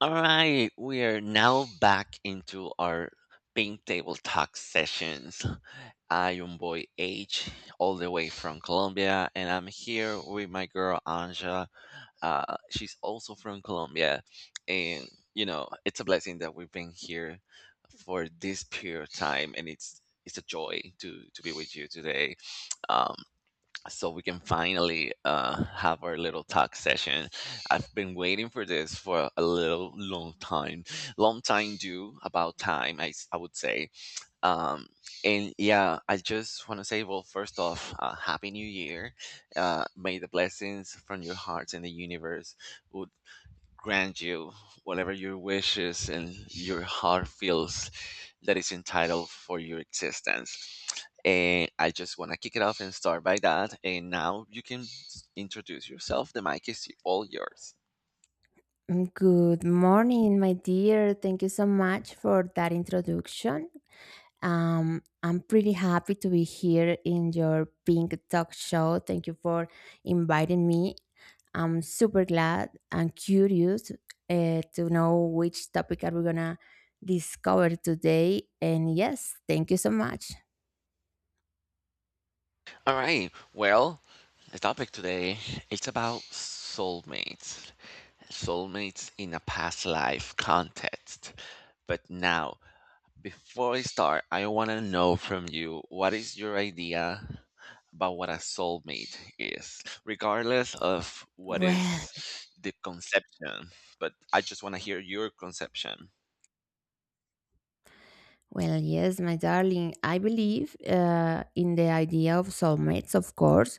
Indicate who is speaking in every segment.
Speaker 1: All right, we are now back into our Pink Table Talk sessions. I am boy H, all the way from Colombia, and I'm here with my girl Anja. She's also from Colombia, and you know it's a blessing that we've been here for this period of time, and it's a joy to be with you today. Um, so we can finally have our little talk session. I've been waiting for this for a little long time due about time, I would say. Um, and yeah, I just want to say, well, first off, happy New Year! May the blessings from your hearts and the universe would grant you whatever your wishes and your heart feels that is entitled for your existence. And I just want to kick it off and start by that. And now you can introduce yourself. The mic is all yours.
Speaker 2: Good morning, my dear. Thank you so much for that introduction. I'm pretty happy to be here in your Pink Talk show. Thank you for inviting me. I'm super glad and curious to know which topic are we gonna discover today. And yes, thank you so much.
Speaker 1: All right. Well, the topic today, it's about soulmates. Soulmates in a past life context. But now, before I start, I want to know from you what is your idea about what a soulmate is, regardless of what is
Speaker 2: Well,
Speaker 1: the conception. But I just want to hear your conception.
Speaker 2: Well, yes, my darling, I believe in the idea of soulmates, of course.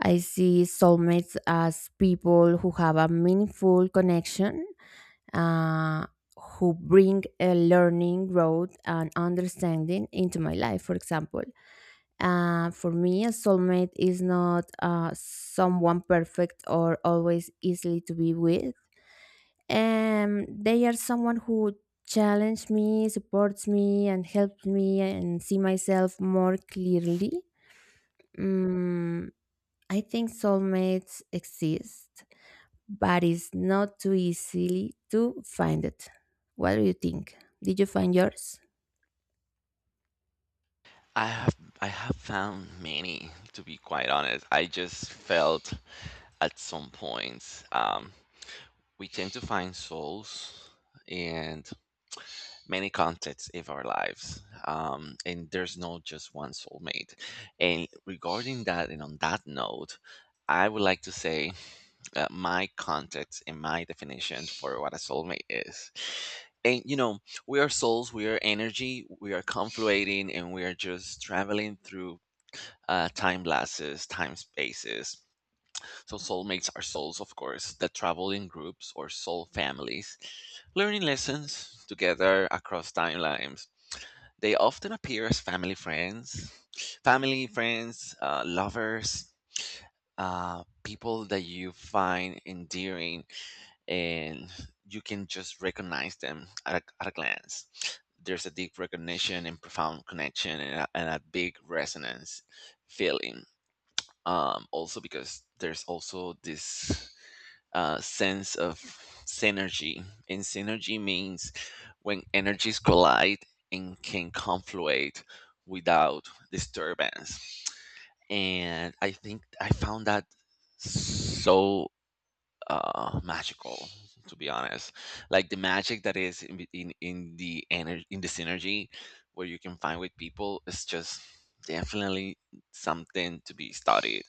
Speaker 2: I see soulmates as people who have a meaningful connection, uh, who bring a learning, growth, and understanding into my life, for example. For me, a soulmate is not someone perfect or always easily to be with, they are someone who challenge me, supports me, and helps me and see myself more clearly. mm, I think soulmates exist, but it's not too easy to find it. What do you think? Did you find yours?
Speaker 1: I have I have found many, to be quite honest. I just felt at some points, we tend to find souls, and many contexts of our lives, and there's not just one soulmate. And regarding that, and on that note, I would like to say my context and my definition for what a soulmate is. And you know, we are souls, we are energy, we are confluating, and we are just traveling through time lapses, time spaces. So soulmates are souls, of course, that travel in groups or soul families, learning lessons together across timelines. They often appear as family friends, lovers, people that you find endearing, and you can just recognize them at a glance. There's a deep recognition and profound connection, and a big resonance feeling, also because there's also this sense of synergy. And synergy means when energies collide and can confluate without disturbance. And I think I found that so magical, to be honest. Like the magic that is in the energy, in the synergy where you can find with people, is just definitely something to be studied.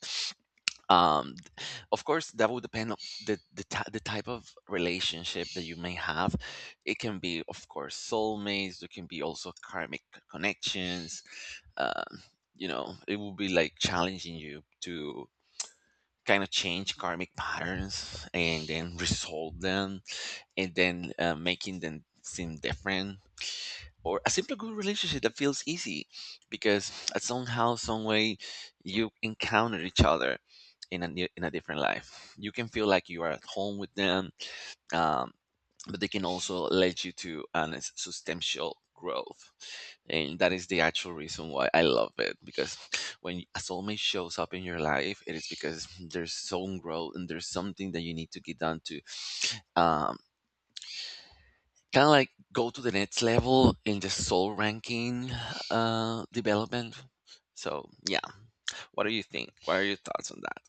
Speaker 1: Of course that would depend on the type of relationship that you may have. It can be, of course, soulmates. There can be also karmic connections. Um you know, it will be like challenging you to kind of change karmic patterns and then resolve them, and then making them seem different. Or a simple good relationship that feels easy, because at somehow some way you encounter each other in a different life. You can feel like you are at home with them. Um, but they can also lead you to an substantial growth. And that is the actual reason why I love it, because when a soulmate shows up in your life, it is because there's some growth and there's something that you need to get done to um, kind of like go to the next level in the soul ranking development. So yeah, what do you think? What are your thoughts on that?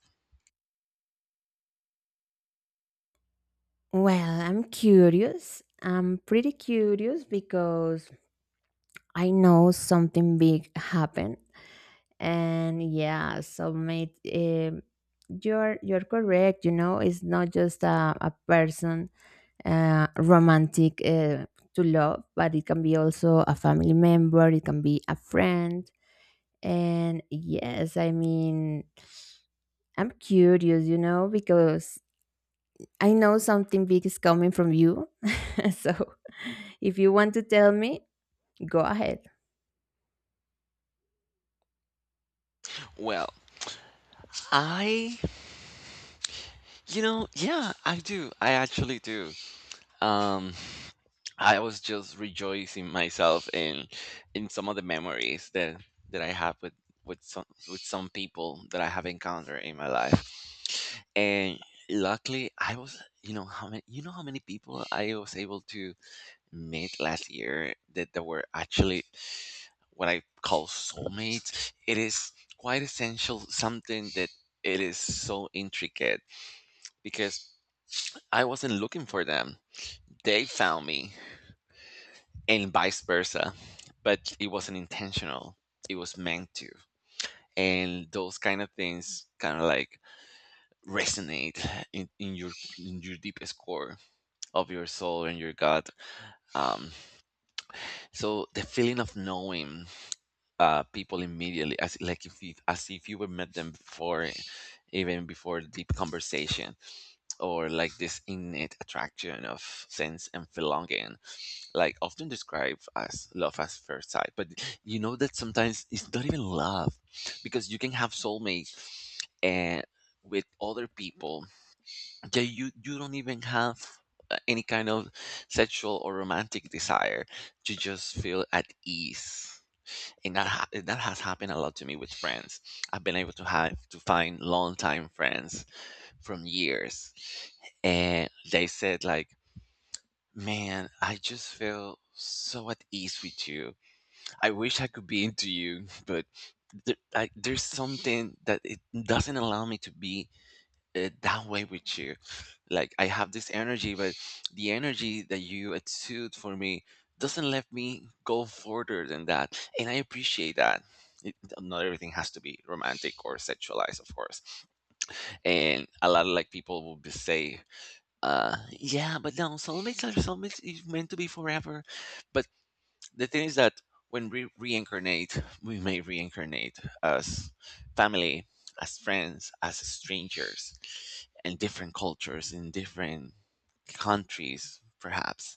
Speaker 2: Well, I'm curious, I'm pretty curious because I know something big happened. And yeah, so mate you're correct, you know, it's not just a person, romantic to love, but it can be also a family member, it can be a friend. And yes, I mean, I'm curious, you know, because I know something big is coming from you. So if you want to tell me, go ahead.
Speaker 1: Well, I, yeah, I do. I actually do. Um, I was just rejoicing myself in some of the memories that I have with some with some people that I have encountered in my life, and luckily I was you know how many, you know how many people I was able to made last year that were actually what I call soulmates. It is quite essential, something that it is so intricate, because I wasn't looking for them. They found me, and vice versa, but it wasn't intentional. It was meant to. And those kind of things kind of like resonate in, in your in your deepest core of your soul and your gut. Um, so the feeling of knowing people immediately, as if you were met them before, even before deep conversation, or like this innate attraction of sense and belonging, like often described as love at first sight. But you know that sometimes it's not even love, because you can have soulmates and with other people that you don't even have any kind of sexual or romantic desire. You just feel at ease, and that has happened a lot to me with friends. I've been able to have to find longtime friends from years, and they said like, "Man, I just feel so at ease with you. I wish I could be into you, but." There's something that it doesn't allow me to be that way with you. Like I have this energy, but the energy that you exude for me doesn't let me go further than that, and I appreciate that. Not everything has to be romantic or sexualized, of course. And a lot of like people will be say, "Yeah, but no, soulmates are soulmates. It's meant to be forever." But the thing is that when we reincarnate, we may reincarnate as family, as friends, as strangers, in different cultures, in different countries, perhaps,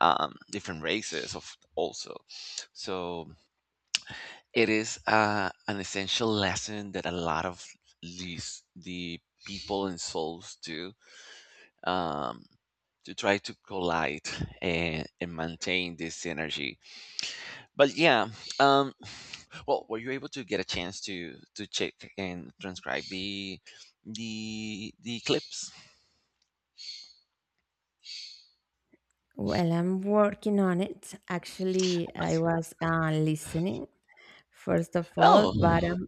Speaker 1: different races of also. So it is an essential lesson that a lot of the people and souls do um, to try to collide, and maintain this synergy. But yeah, um, well, were you able to get a chance to check and transcribe the clips?
Speaker 2: Well, I'm working on it, actually. I was listening first of all, but
Speaker 1: Oh,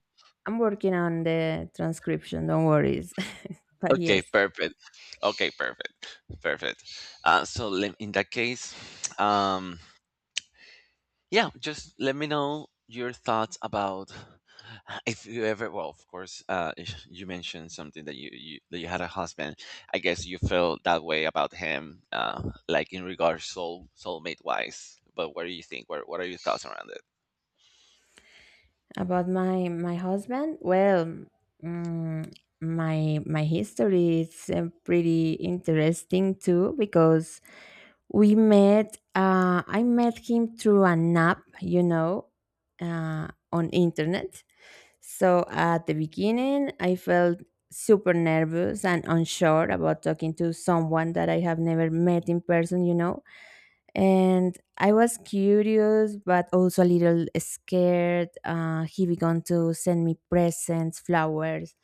Speaker 2: I'm working on the transcription, don't worry. But
Speaker 1: okay,
Speaker 2: yes.
Speaker 1: perfect. Okay, perfect, perfect. So in that case, um, yeah, just let me know your thoughts about if you ever, well, of course, if you mentioned something that you that you had a husband. I guess you felt that way about him, like in regards soulmate wise. But what do you think, what are your thoughts around it?
Speaker 2: About my my husband, well, mm, my my history is pretty interesting too, because we met. I met him through an app, you know, on internet. So at the beginning, I felt super nervous and unsure about talking to someone that I have never met in person, you know, and I was curious, but also a little scared. He began to send me presents, flowers.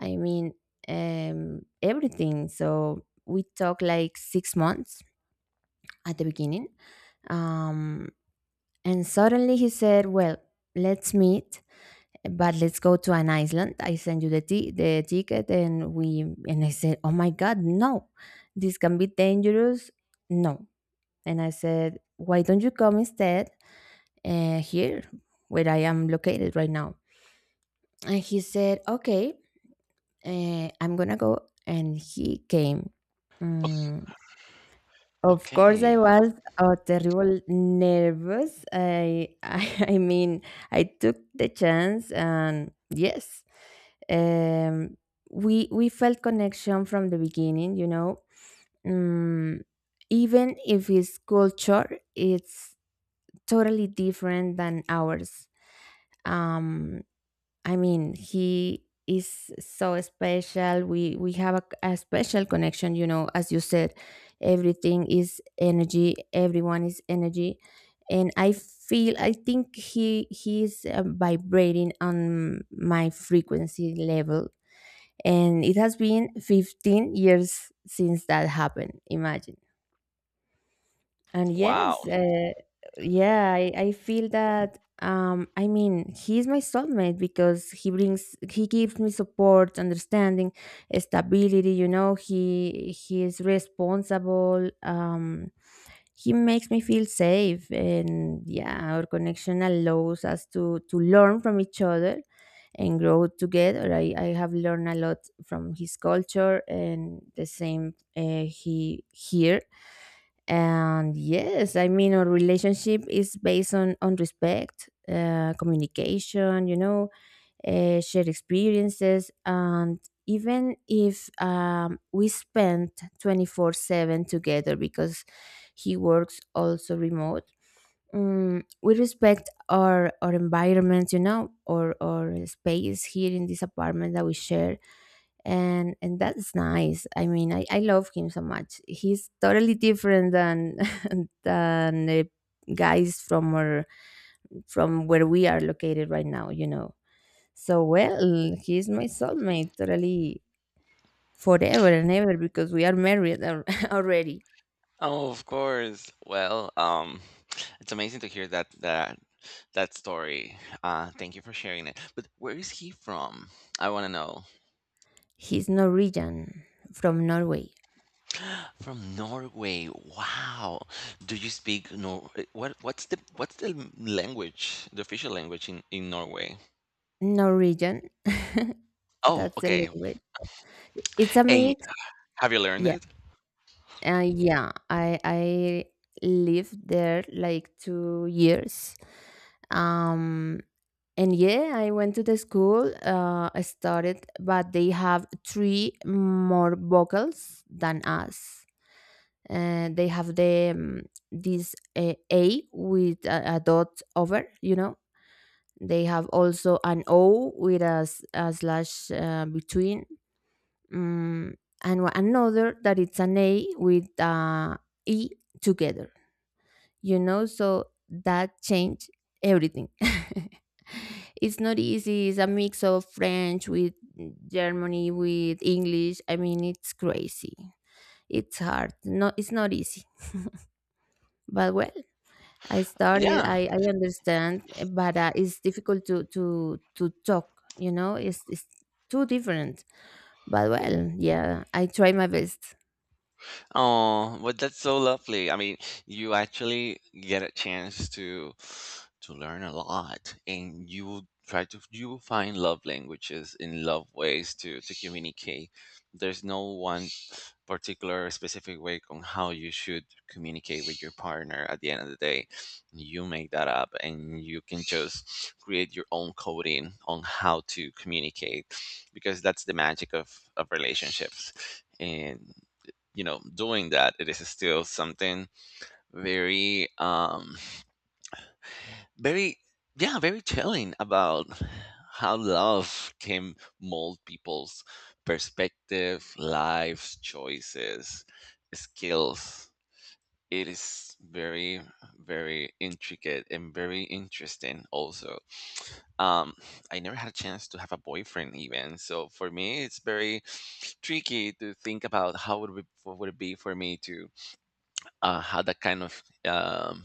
Speaker 2: I mean, everything. So we talked like 6 months at the beginning, um, and suddenly he said, "Well, let's meet." But let's go to an island. I send you the the ticket, and we, and I said, "Oh my God, no! This can be dangerous. No." And I said, "Why don't you come instead? Here where I am located right now." And he said, okay, I'm going to go. And he came. Mm, Of course, I
Speaker 1: Okay.
Speaker 2: was terrible nervous. I, I mean, I took the chance, and yes, um, we felt connection from the beginning. You know, mm, even if his culture, it's totally different than ours. Um, I mean, he is so special. We have a special connection, you know, as you said, everything is energy, everyone is energy. And I feel, I think he is vibrating on my frequency level, and it has been 15 years since that happened. Imagine. And
Speaker 1: Wow.
Speaker 2: yes, yeah, I feel that. I mean, he's my soulmate because he brings, he gives me support, understanding, stability. You know, he is responsible. He makes me feel safe, and yeah, our connection allows us to learn from each other and grow together. I have learned a lot from his culture, and the same he here. And yes, I mean, our relationship is based on respect, communication, you know, shared experiences, and even if we spend 24/7 together because he works also remote, we respect our environment, you know, or our space here in this apartment that we share. And that's nice. I mean, I love him so much. He's totally different than than the guys from our, from where we are located right now, you know. So well, he's my soulmate totally, forever and ever, because we are married already.
Speaker 1: Oh, of course. Well, it's amazing to hear that story. Thank you for sharing it. But where is he from? I want to know.
Speaker 2: He's Norwegian, from Norway.
Speaker 1: From Norway. Wow. Do you speak Nor what what's the language, the official language in Norway?
Speaker 2: Norwegian.
Speaker 1: Oh,
Speaker 2: That's the
Speaker 1: okay.
Speaker 2: language. It's a
Speaker 1: And
Speaker 2: mix.
Speaker 1: have you learned
Speaker 2: Yeah.
Speaker 1: it?
Speaker 2: Yeah. I lived there like 2 years. Um and yeah, I went to the school. I started, but they have three more vocals than us. And they have the this A with a dot over. You know, they have also an O with a, a slash between, mm, and another that it's an A with E together, you know? So that changed everything. It's not easy. It's a mix of French with Germany, with English. I mean, it's crazy. It's hard. No, it's not easy. But well, I started.
Speaker 1: Yeah.
Speaker 2: I understand, eh, but it's difficult to to talk. You know, it's too different. But well, yeah, I try my best.
Speaker 1: Oh, but that's so lovely. I mean, you actually get a chance to learn a lot, and you will find love languages in love ways to communicate. There's no one particular specific way on how you should communicate with your partner. At the end of the day, you make that up, and you can just create your own coding on how to communicate, because that's the magic of relationships. And you know, doing that, it is still something very, very, yeah, very chilling about how love can mold people's perspective, lives, choices, skills. It is very, very intricate, and very interesting also. um I never had a chance to have a boyfriend, even so. For me, it's very tricky to think about what would it be for me to had that kind of um,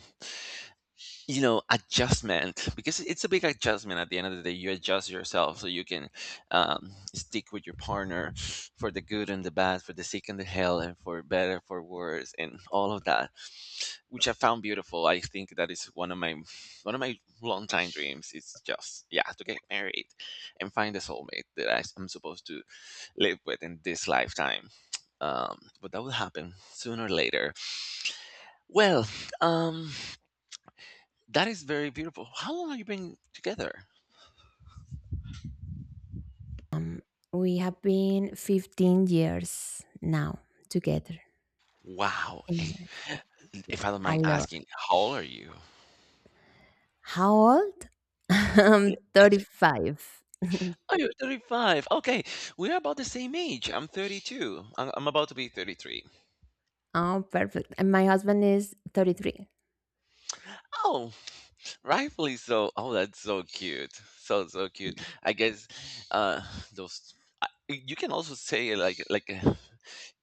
Speaker 1: you know adjustment, because it's a big adjustment. At the end of the day, you adjust yourself so you can stick with your partner, for the good and the bad, for the sick and the hell, and for better for worse, and all of that, which I found beautiful. I think that is one of my long time dreams. It's just, yeah, to get married and find the soulmate that I'm supposed to live with in this lifetime. But that will happen sooner or later. Well, um, that is very beautiful. How long have you been together?
Speaker 2: Um, We have been 15 years now together.
Speaker 1: Wow. And
Speaker 2: Imagine. Yeah,
Speaker 1: if I don't
Speaker 2: a
Speaker 1: mind
Speaker 2: lot.
Speaker 1: asking, how old are you?
Speaker 2: How old?
Speaker 1: Yeah.
Speaker 2: I'm 35.
Speaker 1: Oh, you're 35. Okay. We're about the same age. I'm 32. I'm about to be 33.
Speaker 2: Oh, perfect. And my husband is 33.
Speaker 1: Oh, rightfully so. Oh, that's so cute. So, so cute. I guess uh, those. I- You can also say like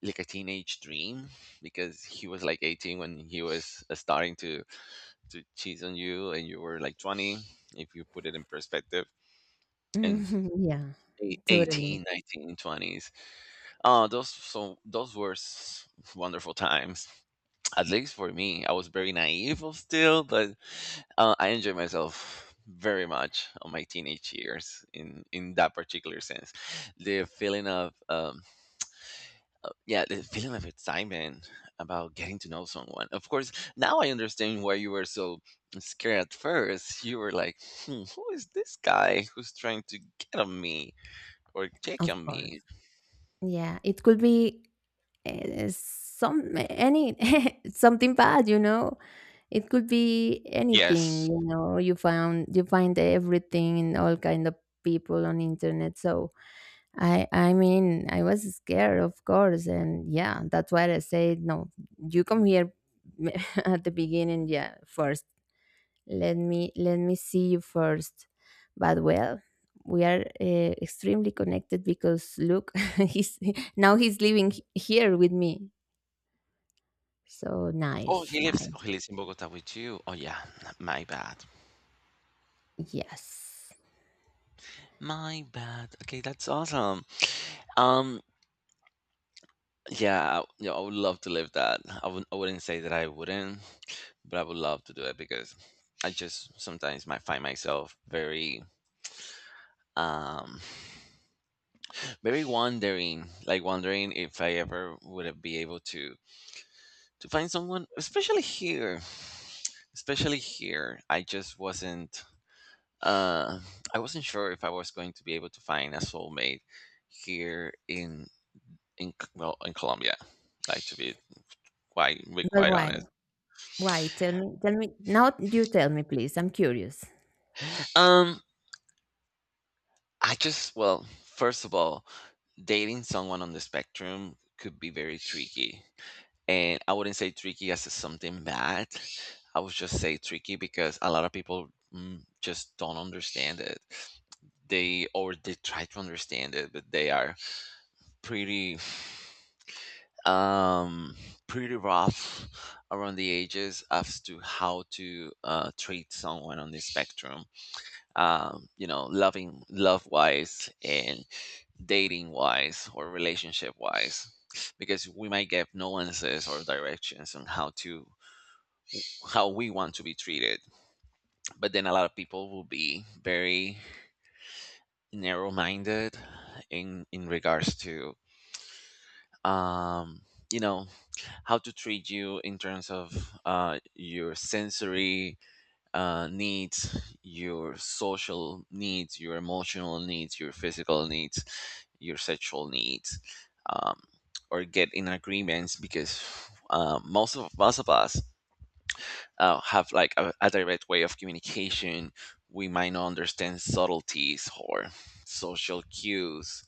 Speaker 1: like a teenage dream, because he was like 18 when he was starting to cheat on you and you were like 20, if you put it in perspective. In
Speaker 2: Mhm. Yeah, totally.
Speaker 1: 18 19, twenties. Those, so those were wonderful times. At least for me, I was very naive of still, but I enjoyed myself very much on my teenage years in that particular sense. The feeling of, yeah, the feeling of excitement about getting to know someone, of course. Now I understand why you were so scared at first. You were like, "Hmm, who is this guy who's trying to get on me or check
Speaker 2: Of
Speaker 1: on
Speaker 2: course.
Speaker 1: me?"
Speaker 2: Yeah, it could be some, any something bad, you know. It could be anything,
Speaker 1: Yes.
Speaker 2: you know. You find everything in all kind of people on internet. So I mean, I was scared, of course, and yeah, that's why I said no. You come here at the beginning, yeah, first. Let me see you first. But well, we are extremely connected because look, he's, now he's living here with me. So
Speaker 1: Oh,
Speaker 2: nice,
Speaker 1: he lives oh,
Speaker 2: nice.
Speaker 1: he lives in Bogota with you. Oh yeah, my bad.
Speaker 2: Yes.
Speaker 1: My bad. Okay, that's awesome. Um yeah, yeah, I would love to live that. I wouldn't say that I wouldn't, but I would love to do it because I just sometimes might find myself very um very wondering, like wondering if I ever would be able to find someone, especially here. Especially here. I just wasn't uh, I wasn't sure if I was going to be able to find a soulmate here in well in Colombia. Like to be
Speaker 2: But
Speaker 1: quite
Speaker 2: why?
Speaker 1: honest.
Speaker 2: Why? Tell me, tell me. Now you tell me, please. I'm curious.
Speaker 1: Um, I just well, first of all, dating someone on the spectrum could be very tricky, and I wouldn't say tricky as something bad. I would just say tricky because a lot of people just don't understand it. They or they try to understand it, but they are pretty. um, pretty rough around the edges as to how to treat someone on the spectrum. You know, loving, love wise, and dating wise, or relationship wise, because we might get nuances or directions on how to how we want to be treated. But then a lot of people will be very narrow minded in regards to um, you know how to treat you in terms of your sensory needs, your social needs, your emotional needs, your physical needs, your sexual needs, um, or get in agreements because most of us have like a direct way of communication. We might not understand subtleties or social cues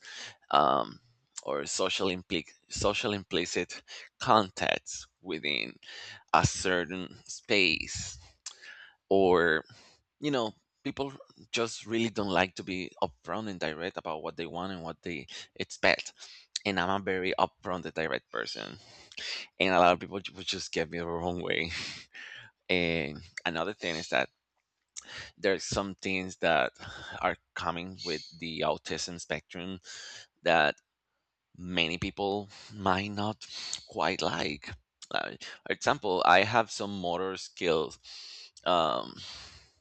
Speaker 1: um, or social implicit contacts within a certain space or you know people just really don't like to be upfront and direct about what they want and what they expect, and I'm a very upfront and direct person, and a lot of people would just get me the wrong way. And another thing is that there's some things that are coming with the autism spectrum that many people might not quite like. Uh, for example, I have some motor skills. Um,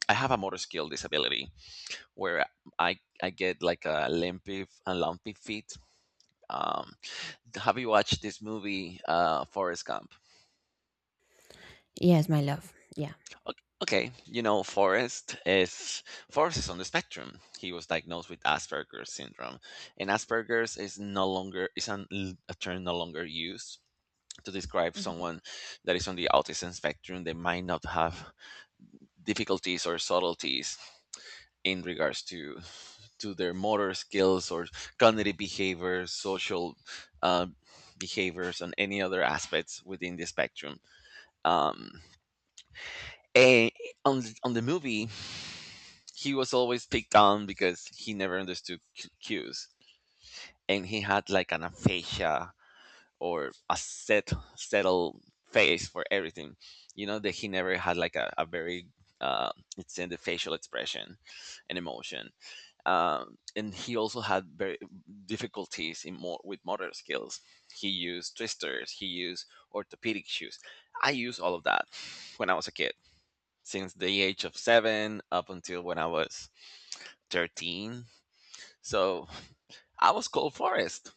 Speaker 1: I have a motor skill disability where I get like a lumpy feet. Um, have you watched this movie, Forrest Gump?
Speaker 2: Yes, my love. Yeah.
Speaker 1: O- Okay, you know Forrest is on the spectrum. He was diagnosed with Asperger's syndrome, and Asperger's is no longer a term no longer used to describe
Speaker 2: Mhm.
Speaker 1: someone that is on the autism spectrum. They might not have difficulties or subtleties in regards to their motor skills or cognitive behaviors, social uh, behaviors, and any other aspects within the spectrum. Um, and on the movie, he was always picked on because he never understood cues, and he had like an aphasia or a set settled face for everything. You know that he never had like a very uh, it's in the facial expression and emotion. And he also had very difficulties in more with motor skills. He used twisters. He used orthopedic shoes. I used all of that when I was a kid, since the age of seven up until when I was 13. So I was called Forrest.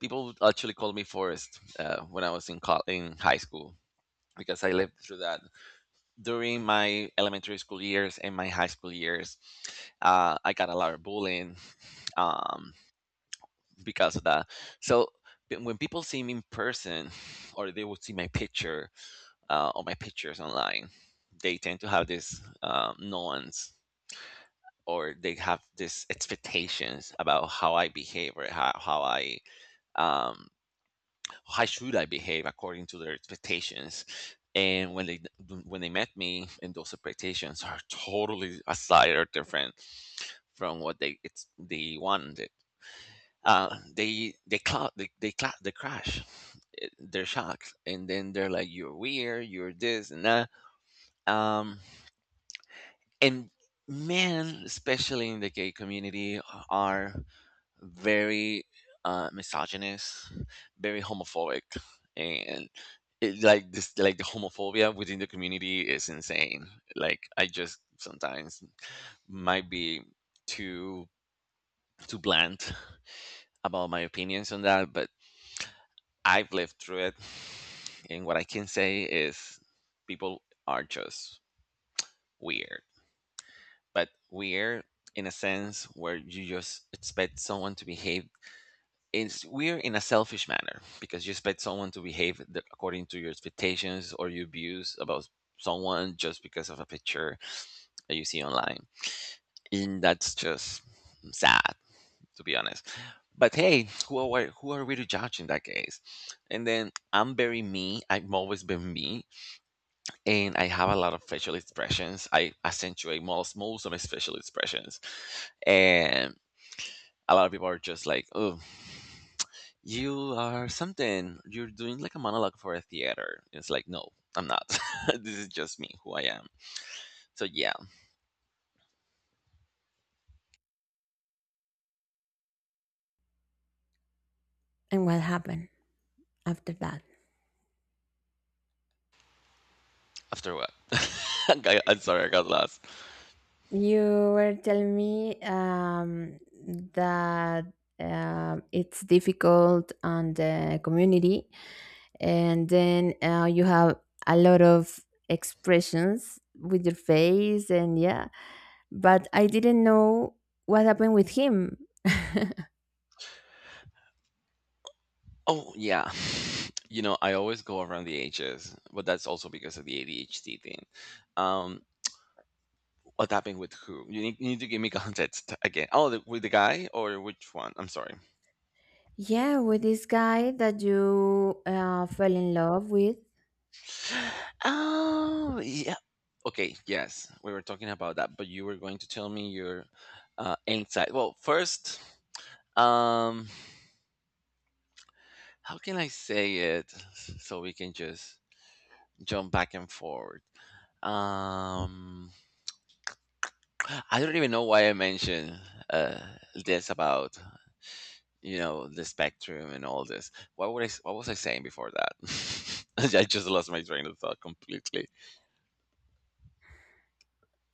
Speaker 1: People actually called me Forrest when I was in in high school, because I lived through that during my elementary school years and my high school years. I got a lot of bullying um, because of that. So but when people see me in person, or they would see my picture or my pictures online, they tend to have this nuance, or they have this expectations about how I behave or how I um, how should I behave according to their expectations? And when they met me, and those expectations are totally aside or different from what they wanted, they crash. They're shocked, and then they're like, "You're weird. You're this and that." Um, and men, especially in the gay community, are very misogynist, very homophobic, and like the homophobia within the community is insane. Like I just sometimes might be too too blunt about my opinions on that, but I've lived through it, and what I can say is people are just weird, but weird in a sense where you just expect someone to behave, it's weird in a selfish manner because you expect someone to behave according to your expectations or your views about someone just because of a picture that you see online, and that's just sad, to be honest. But hey, who are we to judge in that case? And then I'm very me, I've always been me, and I have a lot of facial expressions. I accentuate most of my facial expressions, and a lot of people are just like, "Oh, you are something. You're doing like a monologue for a theater." It's like, no, I'm not. This is just me, who I am. So yeah,
Speaker 2: And what happened after that?
Speaker 1: after what? I'm sorry, I got lost.
Speaker 2: You were telling me that, it's difficult on the community, and then you have a lot of expressions with your face, and yeah. But I didn't know what happened with him.
Speaker 1: Oh yeah. You know, I always go around the ages, but that's also because of the ADHD thing. Um, what happened with who? You need to give me context again. Oh, the, with the guy or which one? I'm sorry.
Speaker 2: Yeah, with this guy that you fell in love with.
Speaker 1: Oh, yeah. Okay, yes, we were talking about that, but you were going to tell me your insight. Well, first, um, how can I say it so we can just jump back and forward? Um, I don't even know why I mentioned uh, this about, you know, the spectrum and all this. What would I? What was I saying before that? I just lost my train of thought completely.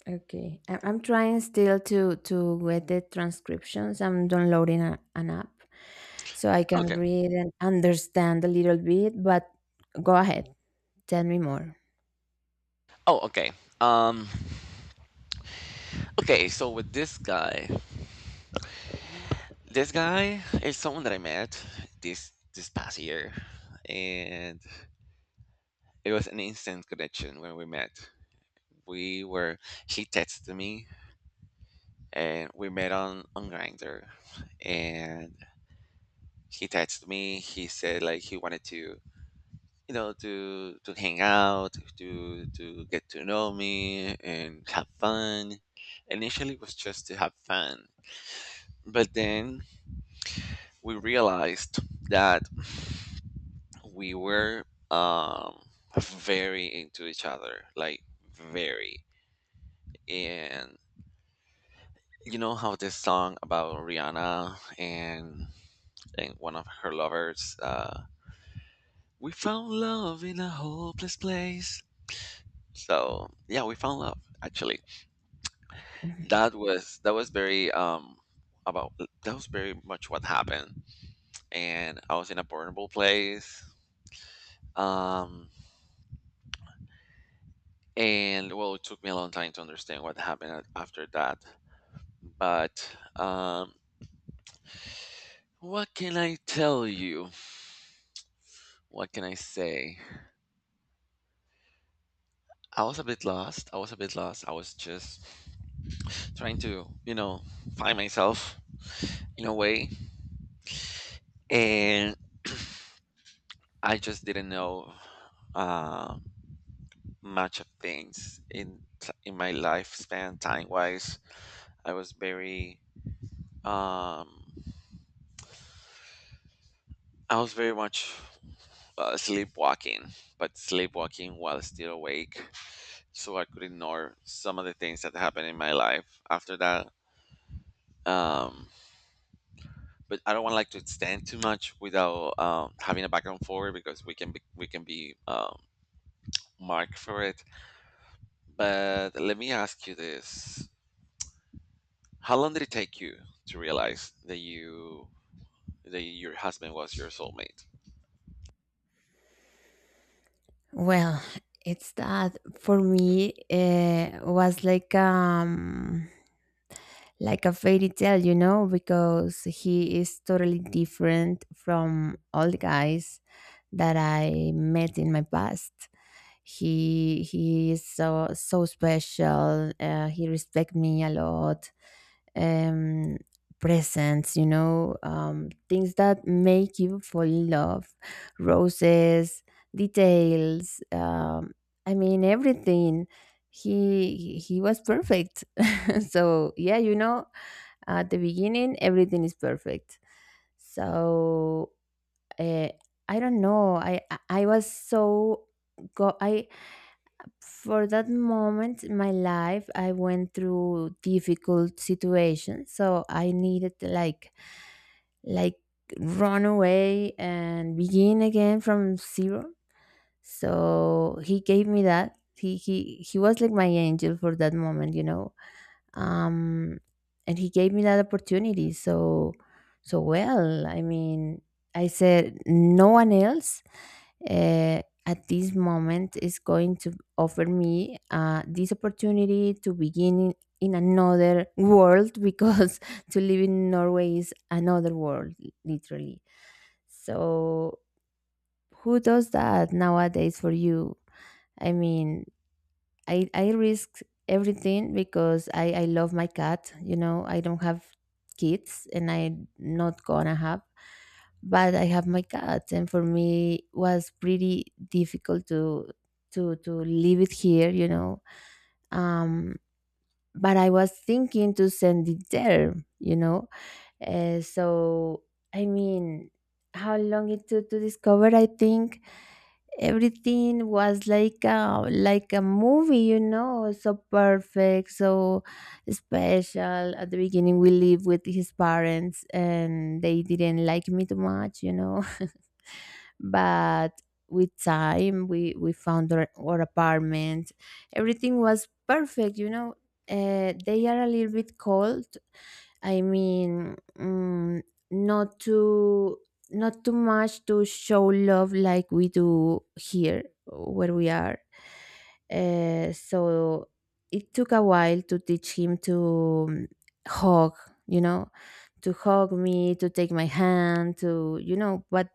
Speaker 2: Okay, I'm trying still to get the transcriptions. I'm downloading an app so I can
Speaker 1: Okay.
Speaker 2: read and understand a little bit. But go ahead, tell me more.
Speaker 1: Oh, okay. Um. Okay, so with this guy is someone that I met this past year, and it was an instant connection when we met. We were He texted me, and we met on Grinder, and he texted me. He said like he wanted to, you know, to hang out, to get to know me and have fun. Initially, it was just to have fun, but then we realized that we were um very into each other, like very. And you know how this song about Rihanna and one of her lovers, we found love in a hopeless place? So yeah, we found love actually. That was very about that was very much what happened, and I was in a vulnerable place. Um and well, it took me a long time to understand what happened after that. But what can I tell you? What can I say? I was a bit lost. I was a bit lost. I was just trying to, you know, find myself in a way, and I just didn't know um much of things in in my lifespan, time wise. I was very um, I was very much sleepwalking, but sleepwalking while still awake, so I could ignore some of the things that happened in my life after that. Um, but I don't want like to extend too much without having a back and forward because we can be marked for it. But let me ask you this: how long did it take you to realize that your husband was your soulmate?
Speaker 2: Well, it's that for me was like a fairy tale, you know, because he is totally different from all the guys that I met in my past. He is so so special. He respect me a lot. Um, presents, you know, things that make you fall in love, roses, details. I mean everything. He was perfect. So yeah, you know, at the beginning everything is perfect. So uh, I don't know. I I was so go. I, for that moment in my life, I went through difficult situations, so I needed to like like run away and begin again from zero. So he gave me that. He he was like my angel for that moment, you know, um, and he gave me that opportunity. So so well, I mean, I said no one else at this moment is going to offer me this opportunity to begin in another world, because to live in Norway is another world, li- literally. So who does that nowadays for you? I mean, I risk everything because I love my cat. You know, I don't have kids, and I'm not gonna have. But I have my cat, and for me it was pretty difficult to to leave it here. You know, um, but I was thinking to send it there. You know, so, I mean, how long it took to discover? I think everything was like a, like a movie, you know, so perfect, so special. At the beginning, we lived with his parents, and they didn't like me too much, you know, but. With time, we found our apartment. Everything was perfect, you know. They are a little bit cold, I mean, not too, not too much to show love like we do here where we are. So it took a while to teach him to hug, you know, to hug me, to take my hand, to, you know, but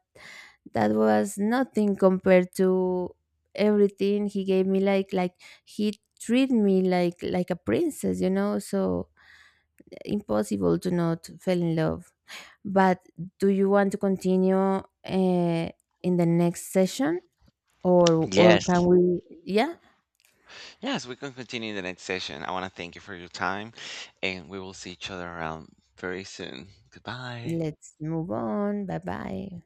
Speaker 2: that was nothing compared to everything he gave me. Like he treated me like a princess, you know, so impossible to not fall in love. But do you want to continue in the next session, or can
Speaker 1: Yes.
Speaker 2: we? Yeah,
Speaker 1: Yes, we can continue in the next session. I want to thank you for your time, and we will see each other around very soon. Goodbye.
Speaker 2: let's move on. Bye bye.